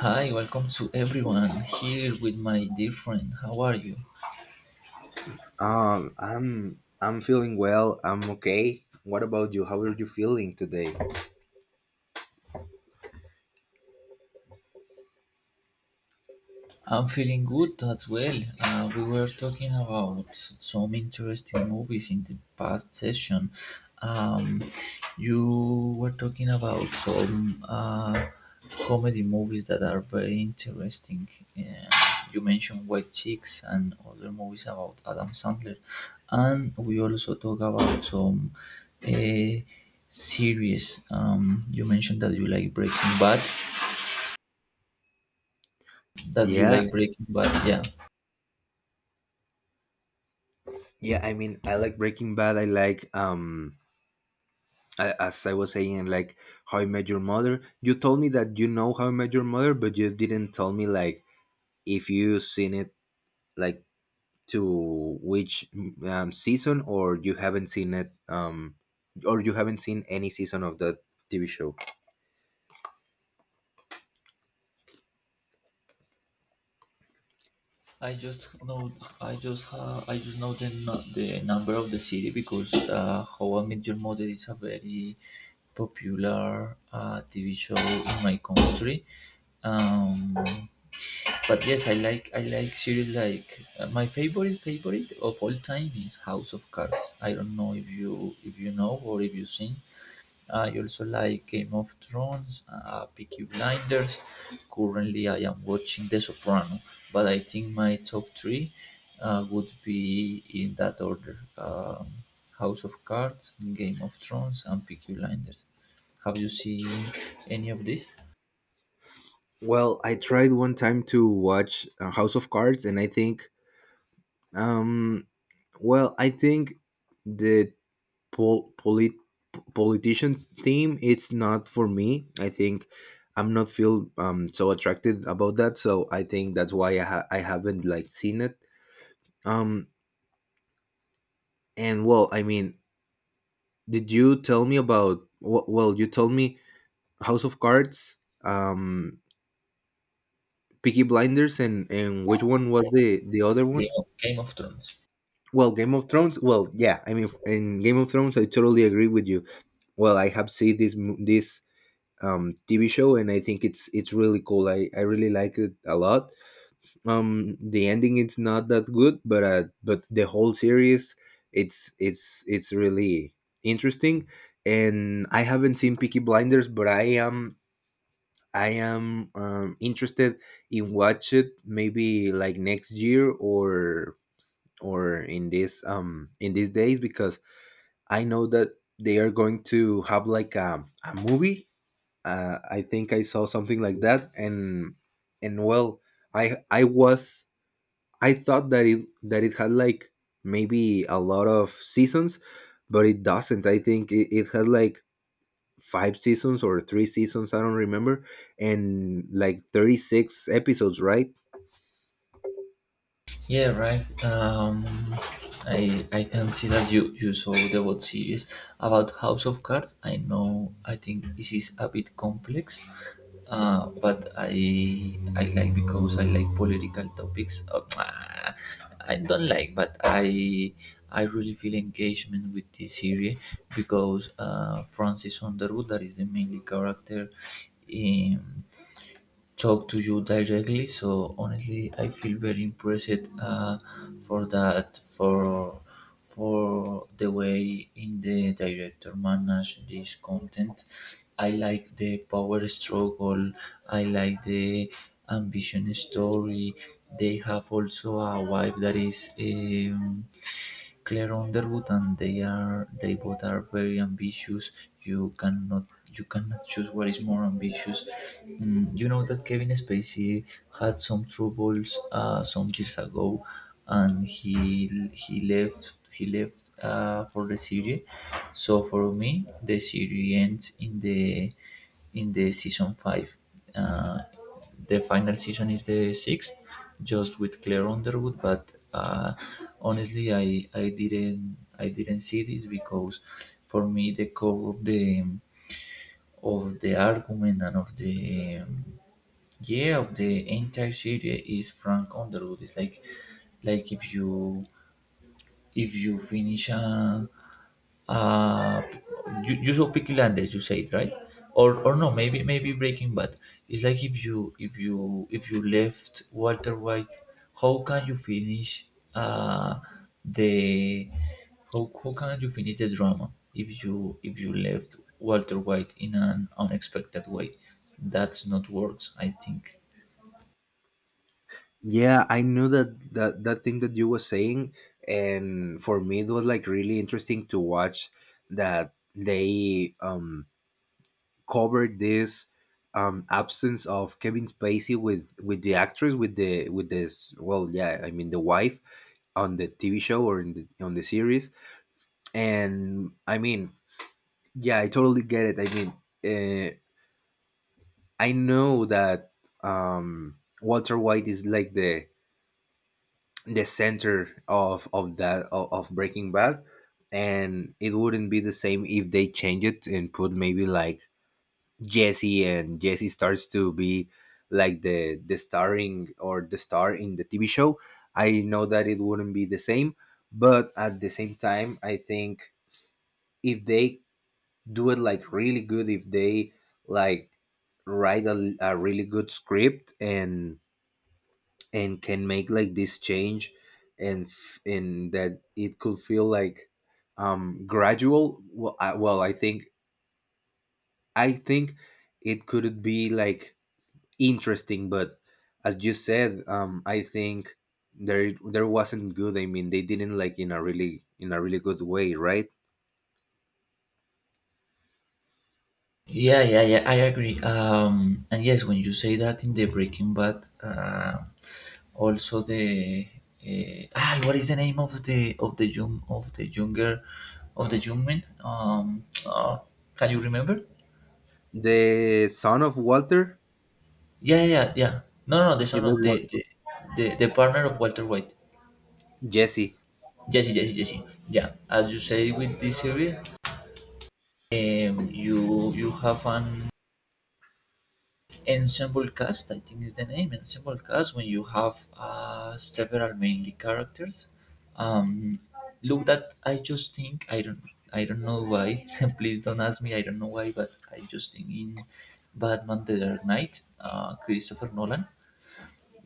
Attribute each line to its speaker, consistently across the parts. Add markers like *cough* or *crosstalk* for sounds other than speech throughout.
Speaker 1: Hi, welcome to everyone here with my dear friend. How are you?
Speaker 2: I'm feeling well. I'm okay. What about you? How are you feeling today?
Speaker 1: I'm feeling good as well. We were talking about some interesting movies in the past session. Um, you were talking about some comedy movies that are very interesting. Uh, you mentioned White Chicks and other movies about Adam Sandler, and we also talk about some uh, series. You mentioned that you like Breaking Bad. That you
Speaker 2: Yeah,
Speaker 1: like Breaking Bad, yeah.
Speaker 2: yeah. I mean, I like Breaking Bad. I like I, as I was saying, I like How I Met Your Mother. You told me that you know How I Met Your Mother, but you didn't tell me like if you seen it like to which season, or you haven't seen it or you haven't seen any season of the TV show.
Speaker 1: I just know I just know the number of the city because How I Met Your Mother is a very popular TV show in my country. Um, but yes, I like series like my favorite of all time is House of Cards. I don't know if you know or if you've seen. I also like Game of Thrones, Peaky Blinders. Currently, I am watching The Soprano, but I think my top three would be in that order: House of Cards, Game of Thrones, and Peaky Blinders. Have you seen any of these?
Speaker 2: Well, I tried one time to watch House of Cards, and I think Um, well, I think the pol- polit- politician theme it's not for me. I think I'm not feel so attracted about that. So I think that's why I haven't like seen it. Um, and well, I mean, did you tell me about? Wh- Well, you told me House of Cards, um, Peaky Blinders, and which one was the other one?
Speaker 1: Game of Thrones.
Speaker 2: Well, Game of Thrones. Well, yeah, I mean, in Game of Thrones, I totally agree with you. Well, I have seen this TV show, and I think it's really cool. I really like it a lot. The ending it's not that good, but the whole series, it's really interesting. And I haven't seen Peaky Blinders, but I am interested in watch it maybe like next year, or in this in these days, because I know that they are going to have like a movie. I think I saw something like that, and well, I was, I thought that it had like maybe a lot of seasons, but it doesn't. I think it had like five seasons or three seasons. I don't remember, and like 36 episodes, right?
Speaker 1: Yeah, right. I can see that you saw the web series about House of Cards. I know. I think this is a bit complex, but I like because I like political topics. Oh, *tsk* I don't like, but I really feel engagement with this series because Francis Underwood, that is the main character, um, talk to you directly. So honestly, I feel very impressed for that for the way in the director manage this content. I like the power struggle. I like the ambition story. They have also a wife that is. Claire Underwood and they both are very ambitious. You cannot you cannot choose what is more ambitious. Mm, you know that Kevin Spacey had some troubles some years ago, and he left he left for the series. So for me, the series ends in the season five. Uh, the final season is the sixth, just with Claire Underwood. But honestly, I didn't see this because for me the core of the argument and of the yeah of the entire series is Frank Underwood. It's like if you finish a, uh, you, you saw Peaky Blinders, you said right, or no, maybe maybe Breaking Bad. It's like if you left Walter White, how can you finish uh the how can you finish the drama if you left Walter White in an unexpected way? That's not works, I think.
Speaker 2: Yeah, I knew that thing that you was saying, and for me it was like really interesting to watch that they cover this absence of Kevin Spacey with the actress with the, with this. Well, yeah, I mean, the wife on the TV show or in on the series. And I mean, yeah, I totally get it. I mean uh, I know that Walter White is like the center of of Breaking Bad, and it wouldn't be the same if they change it and put maybe like Jesse, and Jesse starts to be like the starring or the star in the TV show. I know that it wouldn't be the same, but at the same time, I think if they do it like really good, if they like write a really good script, and can make like this change and that it could feel like gradual. Well, I think, I think it could be like interesting, but as you said, I think there, there wasn't good. I mean they didn't like in a really, in a really good way, right?
Speaker 1: Yeah, yeah, yeah, I agree. And yes, when you say that in the Breaking Bad, also the what is the name of the younger of the young man? Oh, can you remember?
Speaker 2: The son of Walter.
Speaker 1: Yeah, yeah, yeah, yeah. No, no, no, the son
Speaker 2: It was
Speaker 1: of
Speaker 2: what?
Speaker 1: the partner of Walter White.
Speaker 2: Jesse.
Speaker 1: Jesse, Jesse, Jesse. Yeah, as you say with this series, you have an ensemble cast. I think is the name ensemble cast when you have several mainly characters. um, look that I just think I don't know why *laughs* please don't ask me I don't know why but I just think in Batman The Dark Knight, Christopher Nolan.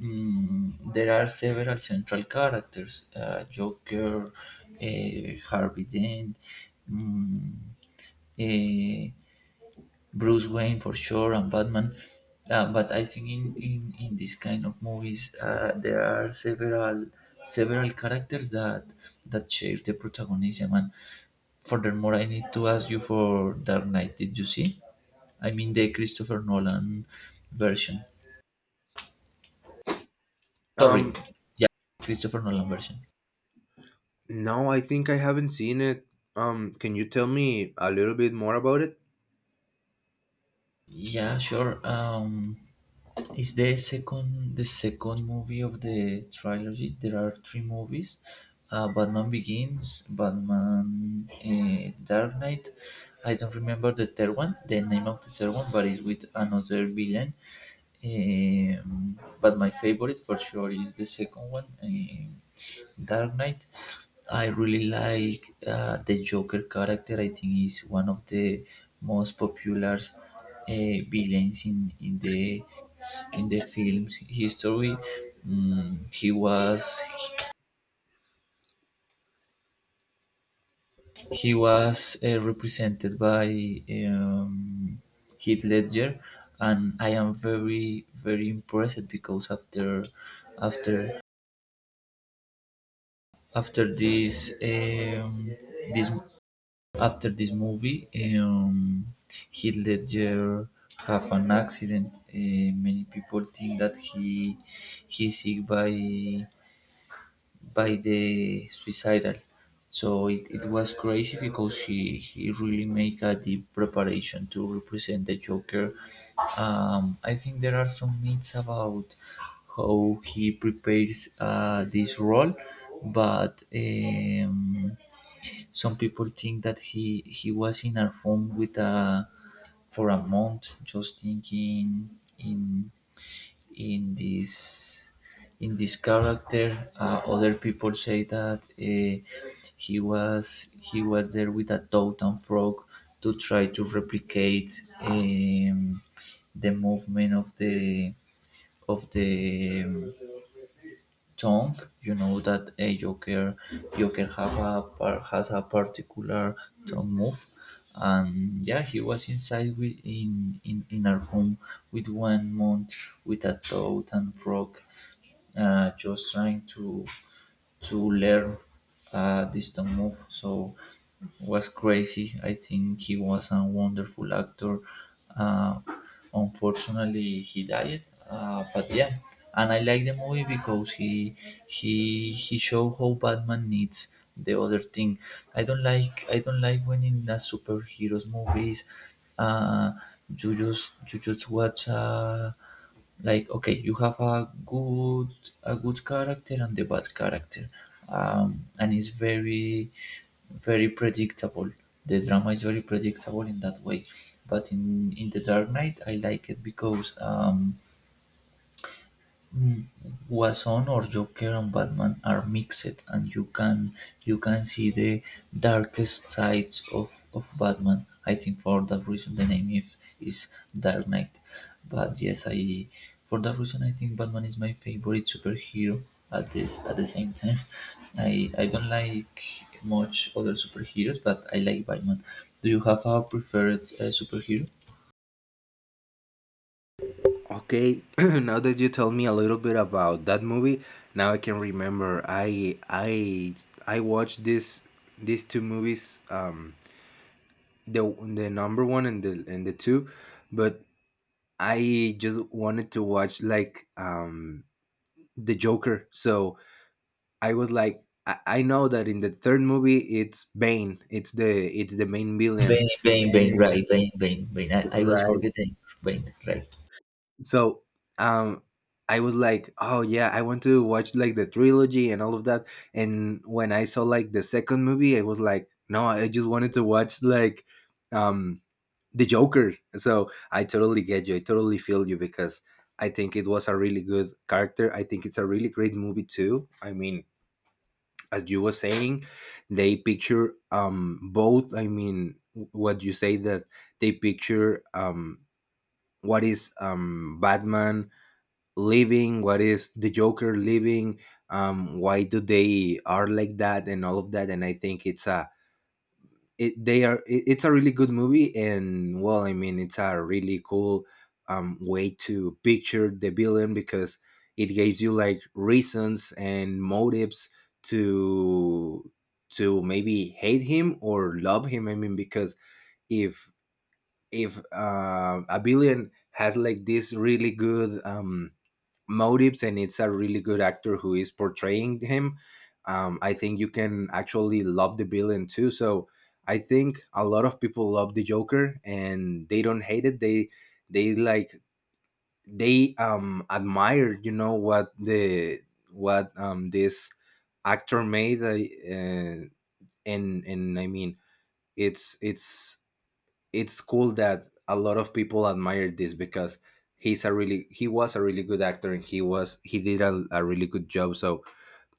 Speaker 1: Mm, there are several central characters: Joker, Harvey Dent, mm, eh, Bruce Wayne for sure, and Batman. But I think in this kind of movies there are several characters that that share the protagonism, and furthermore I need to ask you for Dark Knight, did you see? I mean the Christopher Nolan version.
Speaker 2: um
Speaker 1: Sorry. Yeah, Christopher Nolan version.
Speaker 2: no, I think I haven't seen it. Can you tell me a little bit more about it?
Speaker 1: Yeah, sure. Is the second movie of the trilogy. There are three movies: Batman Begins, Batman Dark Knight. I don't remember the third one, the name of the third one, but it's with another villain. But my favorite for sure is the second one. Dark Knight. I really like the Joker character. I think he's one of the most popular villains in the film's history. Mm, he was he was represented by um, Heath Ledger, and I am very very impressed because after after this this After this movie, um, he later have an accident. Many people think that he he's sick by the suicidal. So it was crazy because he really make a deep preparation to represent the Joker. I think there are some myths about how he prepares this role, but. Some people think that he was in a room with a for a month, just thinking in in this in this character. Other people say that he was there with a toad and frog to try to replicate the movement of the tongue, you know that a Joker Joker has a particular tongue move, and yeah, he was inside with, in our home with 1 month with a toad and frog, just trying to learn a distant move. So was crazy. I think he was a wonderful actor. Uh, unfortunately, he died. But yeah, and I like the movie because he showed how Batman needs the other thing. I don't like when in the superheroes movies, uh, you just watch. Like okay you have a good character and the bad character, um, and it's very predictable. The drama is very predictable in that way, but in The Dark Knight I like it because Wason or Joker and Batman are mixed, and you can see the darkest sides of Batman. I think for that reason the name is Dark Knight. But yes, I for that reason I think Batman is my favorite superhero at the same time. *laughs* I don't like much other superheroes, but I like Batman. Do you have a preferred superhero?
Speaker 2: Okay, *clears throat* now that you tell me a little bit about that movie, now I can remember. I watched this, these two movies, the the number one and the, and the two, but I just wanted to watch like the Joker. So I was like, I know that in the third movie it's Bane, it's the main villain,
Speaker 1: Bane, Bane, Bane,
Speaker 2: and
Speaker 1: right, Bane, Bane, Bane. I was
Speaker 2: right.
Speaker 1: forgetting Bane, right.
Speaker 2: So um. I was like, oh yeah, I want to watch like the trilogy and all of that. And when I saw like the second movie, I was like, no, I just wanted to watch like um the Joker. So I totally get you. I totally feel you, because I think it was a really good character. I think it's a really great movie too. I mean, as you were saying, they picture both. I mean, what you say that they picture what is Batman living, what is the Joker living, why do they are like that and all of that. And I think it's a, it they are it, it's a really good movie. And well, I mean, it's a really cool way to picture the villain, because it gives you like reasons and motives to to maybe hate him or love him. I mean, because if a villain has like this really good motives, and it's a really good actor who is portraying him, I think you can actually love the villain too. So I think a lot of people love the Joker, and they don't hate it. They like, they admire, you know, what the what this actor made, and I mean it's it's it's cool that a lot of people admire this, because he's a really, he was a really good actor, and he did a really good job. So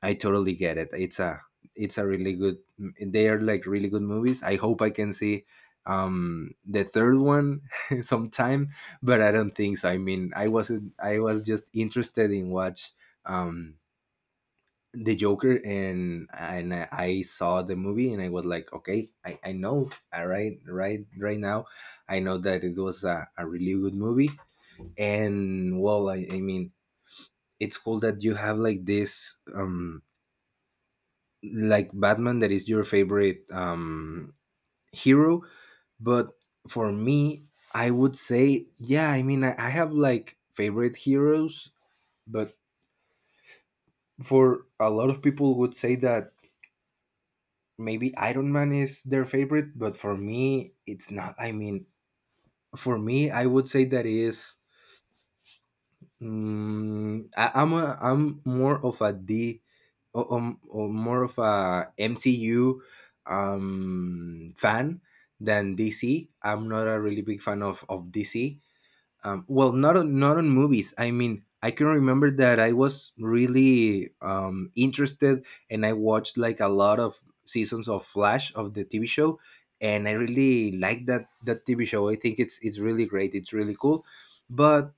Speaker 2: I totally get it. It's a really good, they are like really good movies. I hope I can see the third one *laughs* sometime, but I don't think so. I mean, I wasn't I was just interested in watch um the Joker. And I saw the movie, and I was like, okay, I know, all right, now, I know that it was a really good movie. And well, I mean, it's cool that you have like this, like Batman that is your favorite hero. But for me, I would say, yeah, I mean, I have like favorite heroes, but for a lot of people would say that maybe Iron Man is their favorite, but for me, it's not. I mean, for me, I would say that is. I, I'm more of a D, or more of a MCU fan than DC. I'm not a really big fan of DC. Well, not on, not on movies. I mean, I can remember that I was really interested, and I watched like a lot of seasons of Flash of the TV show, and I really like that TV show. I think it's really great. It's really cool, but.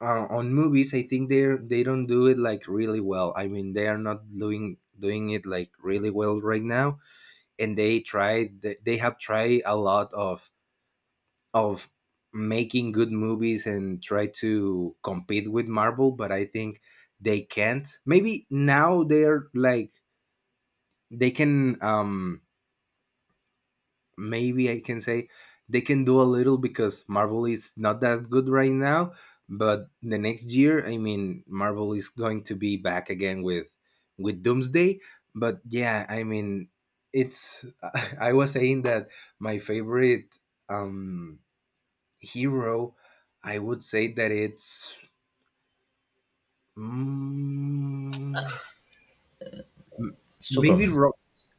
Speaker 2: On movies, I think they're they don't do it like really well. I mean, they are not doing it like really well right now, and they tried, they have tried a lot of making good movies and try to compete with Marvel, but I think they can't. Maybe now they're like they can maybe I can say they can do a little, because Marvel is not that good right now, but the next year, I mean, Marvel is going to be back again with Doomsday. But yeah, I mean, it's *laughs* I was saying that my favorite um hero, I would say that it's. Mm, M- Maybe
Speaker 1: Superman.
Speaker 2: Ro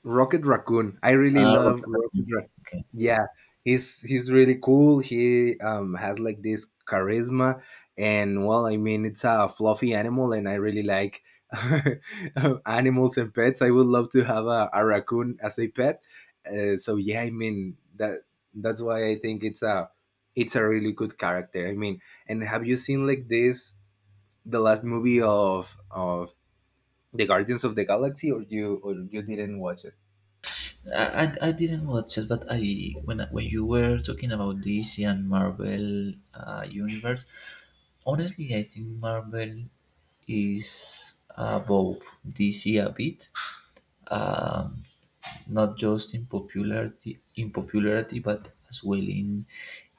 Speaker 2: Rocket Raccoon. I really
Speaker 1: Ah,
Speaker 2: love
Speaker 1: Rocket.
Speaker 2: Rocket Raccoon.
Speaker 1: Okay.
Speaker 2: Yeah, he's really cool. He has like this charisma, and well, I mean, it's a fluffy animal, and I really like *laughs* animals and pets. I would love to have a raccoon as a pet. So yeah, I mean that's why I think it's a, it's a really good character. I mean, and have you seen like this the last movie of the Guardians of the Galaxy, or you, or you didn't watch it?
Speaker 1: I didn't watch it, but I- when you were talking about DC and Marvel universe, honestly, I think Marvel is above DC a bit, um, not just in popularity, but as well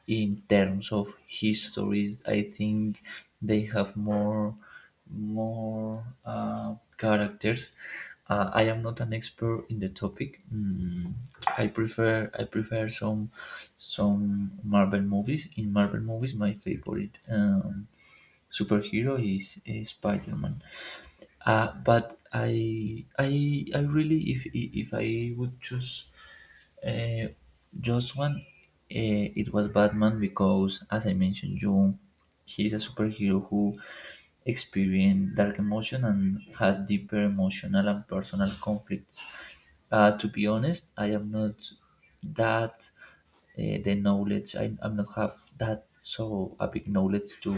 Speaker 1: in terms of histories. I think they have more characters. I am not an expert in the topic. I prefer some Marvel movies. In Marvel movies, my favorite superhero is Spider Man. But I really, if I would choose uh, just one, it was Batman because, as I mentioned, you, he is a superhero who experienced dark emotion and has deeper emotional and personal conflicts. To be honest, I am not that the knowledge. I am not have that so a big knowledge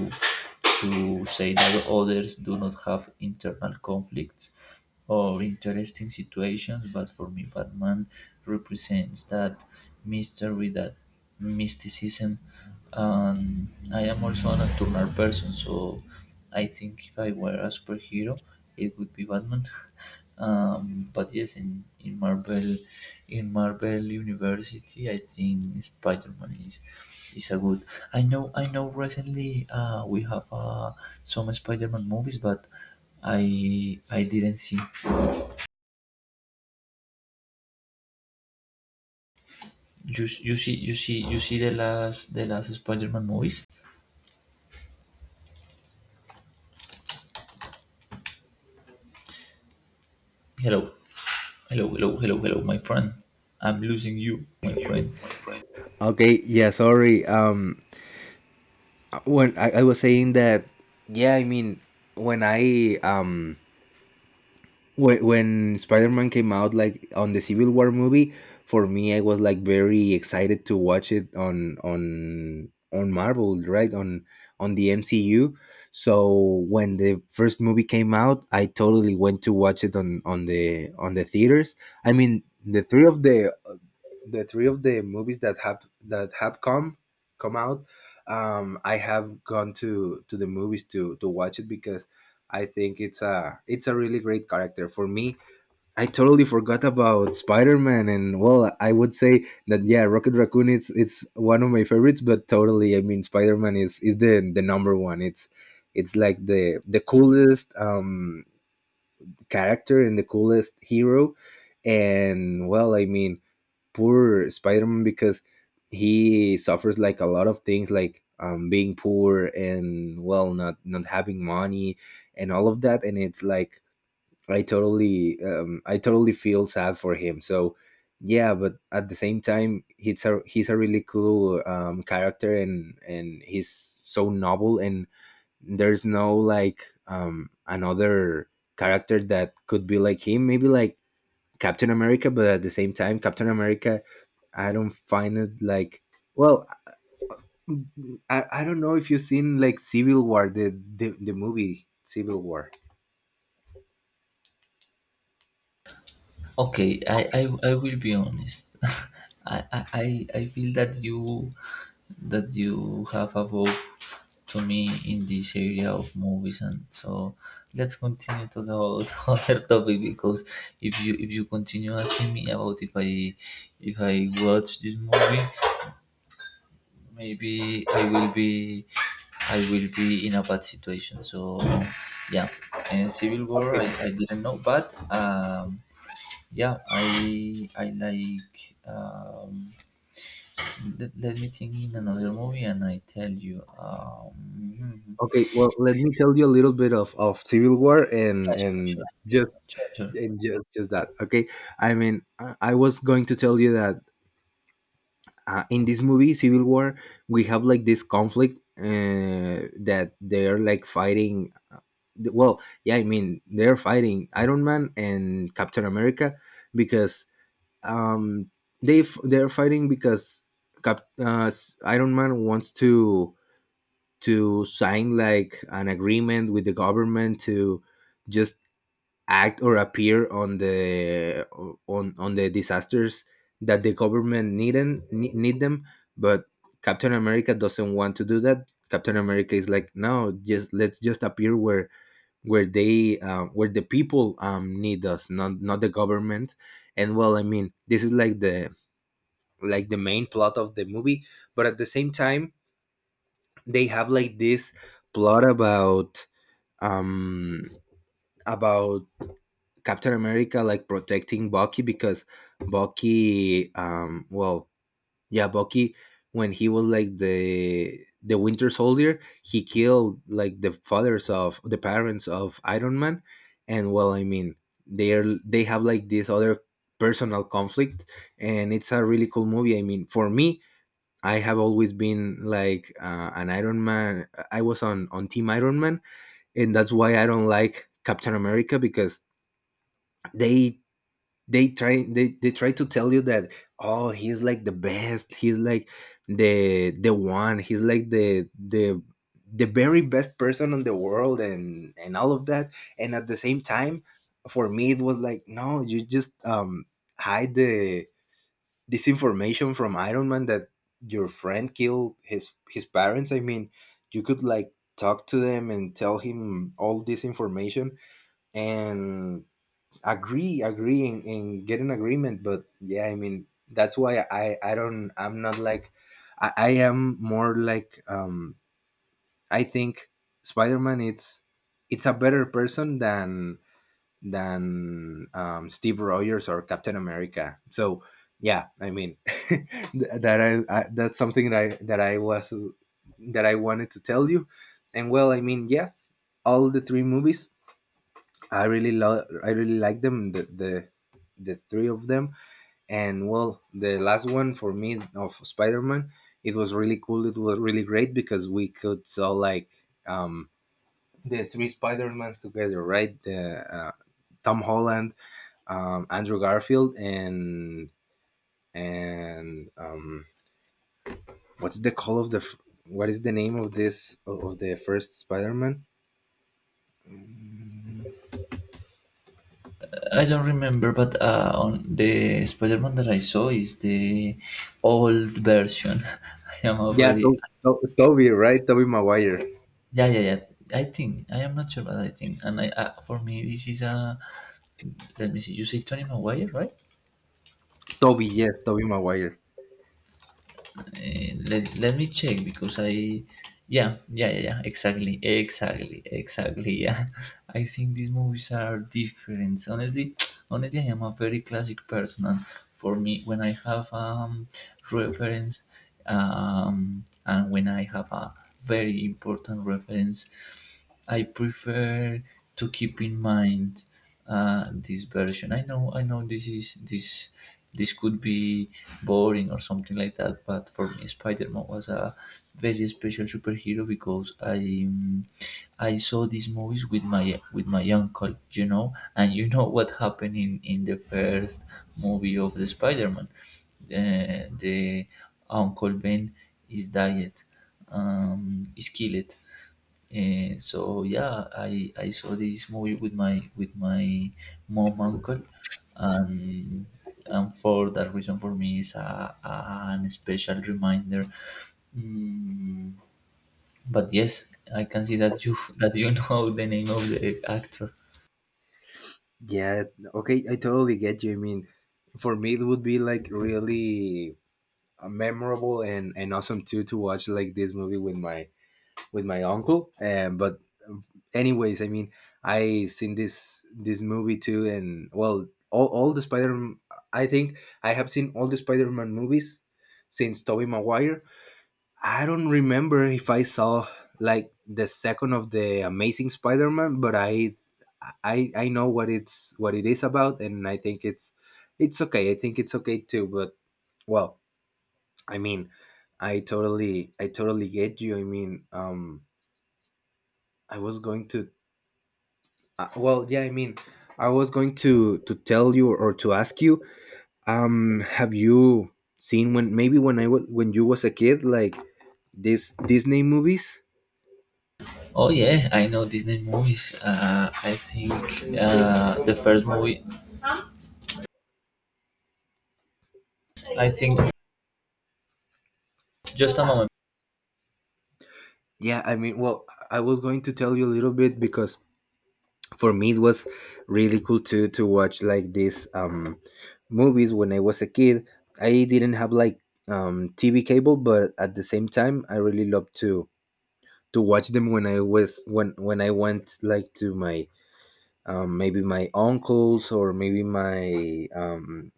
Speaker 1: to say that others do not have internal conflicts or interesting situations. But for me, Batman represents that mystery, that mysticism, and I am also a nocturnal person, so I think if I were a superhero it would be Batman. *laughs* But yes, in Marvel in Marvel university I think Spider-Man is a good. I know recently we have some Spider-Man movies, but I didn't see. You see the last Spider-Man movies. Hello. Hello, hello, hello, hello, my friend. I'm losing you, my friend.
Speaker 2: Okay, yeah, sorry. When I was saying that, yeah, I mean, when I when Spider Man came out like on the Civil War movie, for me I was like very excited to watch it on on Marvel, right on the MCU. So when the first movie came out, I totally went to watch it on the theaters. I mean, the three of the three of the movies that have come out, I have gone to the movies to watch it because I think it's a really great character. For me, I totally forgot about Spider-Man, and well, I would say that yeah, Rocket Raccoon is, it's one of my favorites, but totally, I mean, Spider-Man is the number one. It's like the coolest character and the coolest hero. And well, I mean, poor Spider-Man, because he suffers like a lot of things like being poor and well, not having money and all of that. And it's like I totally feel sad for him, so yeah. But at the same time, he's a really cool character, and he's so novel. And there's no like another character that could be like him, maybe like Captain America. But at the same time, Captain America, I don't find it like, well, I don't know if you've seen like Civil War, the movie Civil War.
Speaker 1: Okay, I will be honest. *laughs* I, I, I feel that you have evolved to me in this area of movies, and so let's continue talk about *laughs* other topic because if you continue asking me about if I watch this movie, maybe I will be in a bad situation. So yeah, and Civil War
Speaker 2: Okay,
Speaker 1: I didn't know, but yeah, I like let, let me think in another movie and I tell you.
Speaker 2: okay. Well, let me tell you a little bit of Civil War,
Speaker 1: Yeah, sure,
Speaker 2: and
Speaker 1: sure.
Speaker 2: just
Speaker 1: Sure, sure.
Speaker 2: and just just that. Okay, I mean, I was going to tell you that in this movie Civil War, we have like this conflict that they're like fighting. Well yeah, I mean, they're fighting Iron Man and Captain America because, um they they're fighting because Iron Man wants to sign like an agreement with the government to just act or appear on the disasters that the government need and need them. But Captain America doesn't want to do that. Captain America is like, no, just let's just appear where they where the people need us, not the government. And well, I mean, this is like the main plot of the movie. But at the same time, they have like this plot about, um about Captain America like protecting Bucky, because Bucky, well, yeah, Bucky, when he was like the Winter Soldier, he killed like the fathers of the parents of Iron Man. And well, I mean, they are they have like this other personal conflict, and it's a really cool movie. I mean, for me, I have always been like an Iron Man. I was on Team Iron Man, and that's why I don't like Captain America, because they they try to tell you that, oh, he's like the best, he's like the one, he's like the the very best person in the world and all of that. And at the same time, for me it was like, no, you just hide the disinformation from Iron Man that your friend killed his parents. I mean, you could like talk to them and tell him all this information, and agree and get an agreement. But yeah, I mean, that's why I don't, I'm not like, I am more like, I think Spider-Man it's a better person than Steve Rogers or Captain America. So yeah, I mean, *laughs* that I that's something that I was that I wanted to tell you. And well, I mean, yeah, all the three movies I really love, I really like them, the the three of them. And well, the last one for me of Spider-Man, it was really cool, it was really great, because we could saw like, um the three Spider-Mans together, right, the Tom Holland, Andrew Garfield, and what's the call of the what is the name of this of the first Spider-Man?
Speaker 1: I don't remember, but on the Spider-Man that I saw is the old version. *laughs* I am a
Speaker 2: Yeah,
Speaker 1: very.
Speaker 2: Toby, right? Toby Maguire.
Speaker 1: Yeah, yeah, yeah. I think I am not sure, but I think, and I for me this is a. Let me see. You say Tony Maguire, right?
Speaker 2: Toby, yes, Toby Maguire.
Speaker 1: Let me check because I. Yeah, yeah, yeah, yeah. Exactly, exactly, exactly. Yeah, *laughs* I think these movies are different. Honestly, *tsk* honestly, I am a very classic person, and for me, when I have reference, and when I have a very important reference, I prefer to keep in mind this version. I know, this is this this could be boring or something like that, but for me, Spider Man was a very special superhero because I saw these movies with my uncle, you know, and you know what happened in the first movie of the Spider Man. The uncle Ben is died, is killed, and so yeah, I saw this movie with my mom uncle, and and for that reason for me is a an special reminder. Mm, but yes, I can see that you *laughs* know the name of the actor.
Speaker 2: Yeah, okay, I totally get you. I mean, for me, it would be like really memorable and awesome too to watch like this movie with my uncle. But um, anyways, I mean, I seen this movie too. And well, all the Spider. I think I have seen all the Spider Man movies since Tobey Maguire. I don't remember if I saw like the second of the Amazing Spider-Man, but I I know what it's what it is about, and I think it's okay. I think it's okay too. But well, I mean, I totally get you. I mean, I was going to well, yeah, I mean, I was going to tell you or to ask you, have you seen when maybe when I was when you was a kid like this Disney movies?
Speaker 1: Oh yeah, I know Disney movies. I think the first movie. I think just a moment.
Speaker 2: Yeah, I mean, well, I was going to tell you a little bit because for me it was really cool to watch like these movies when I was a kid. I didn't have like TV cable, but at the same time, I really loved to watch them when I was when I went like to my, maybe my uncles or maybe my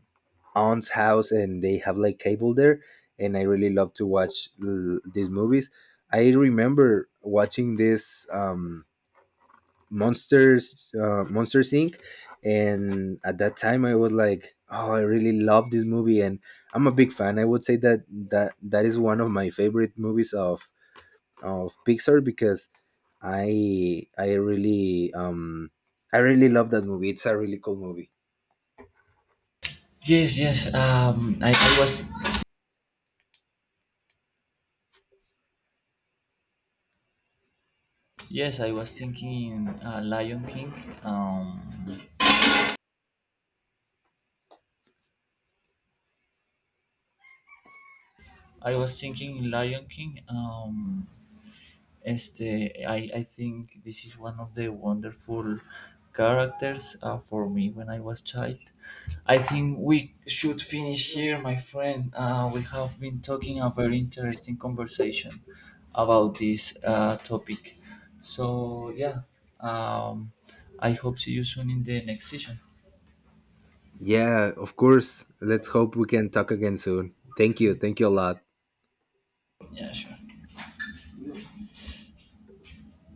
Speaker 2: aunt's house, and they have like cable there. And I really love to watch these movies. I remember watching this, Monsters, Monsters Inc., and at that time I was like, oh, I really love this movie. And I'm a big fan. I would say that that is one of my favorite movies of Pixar, because I really I really love that movie. It's a really cool movie.
Speaker 1: Yes, yes. I was yes, I was thinking Lion King. Um, I was thinking Lion King. Este, I think this is one of the wonderful characters for me when I was child. I think we should finish here, my friend. We have been talking a very interesting conversation about this topic. So yeah, um, I hope see you soon in the next session.
Speaker 2: Yeah, of course. Let's hope we can talk again soon. Thank you. Thank you a lot.
Speaker 1: Yeah, sure.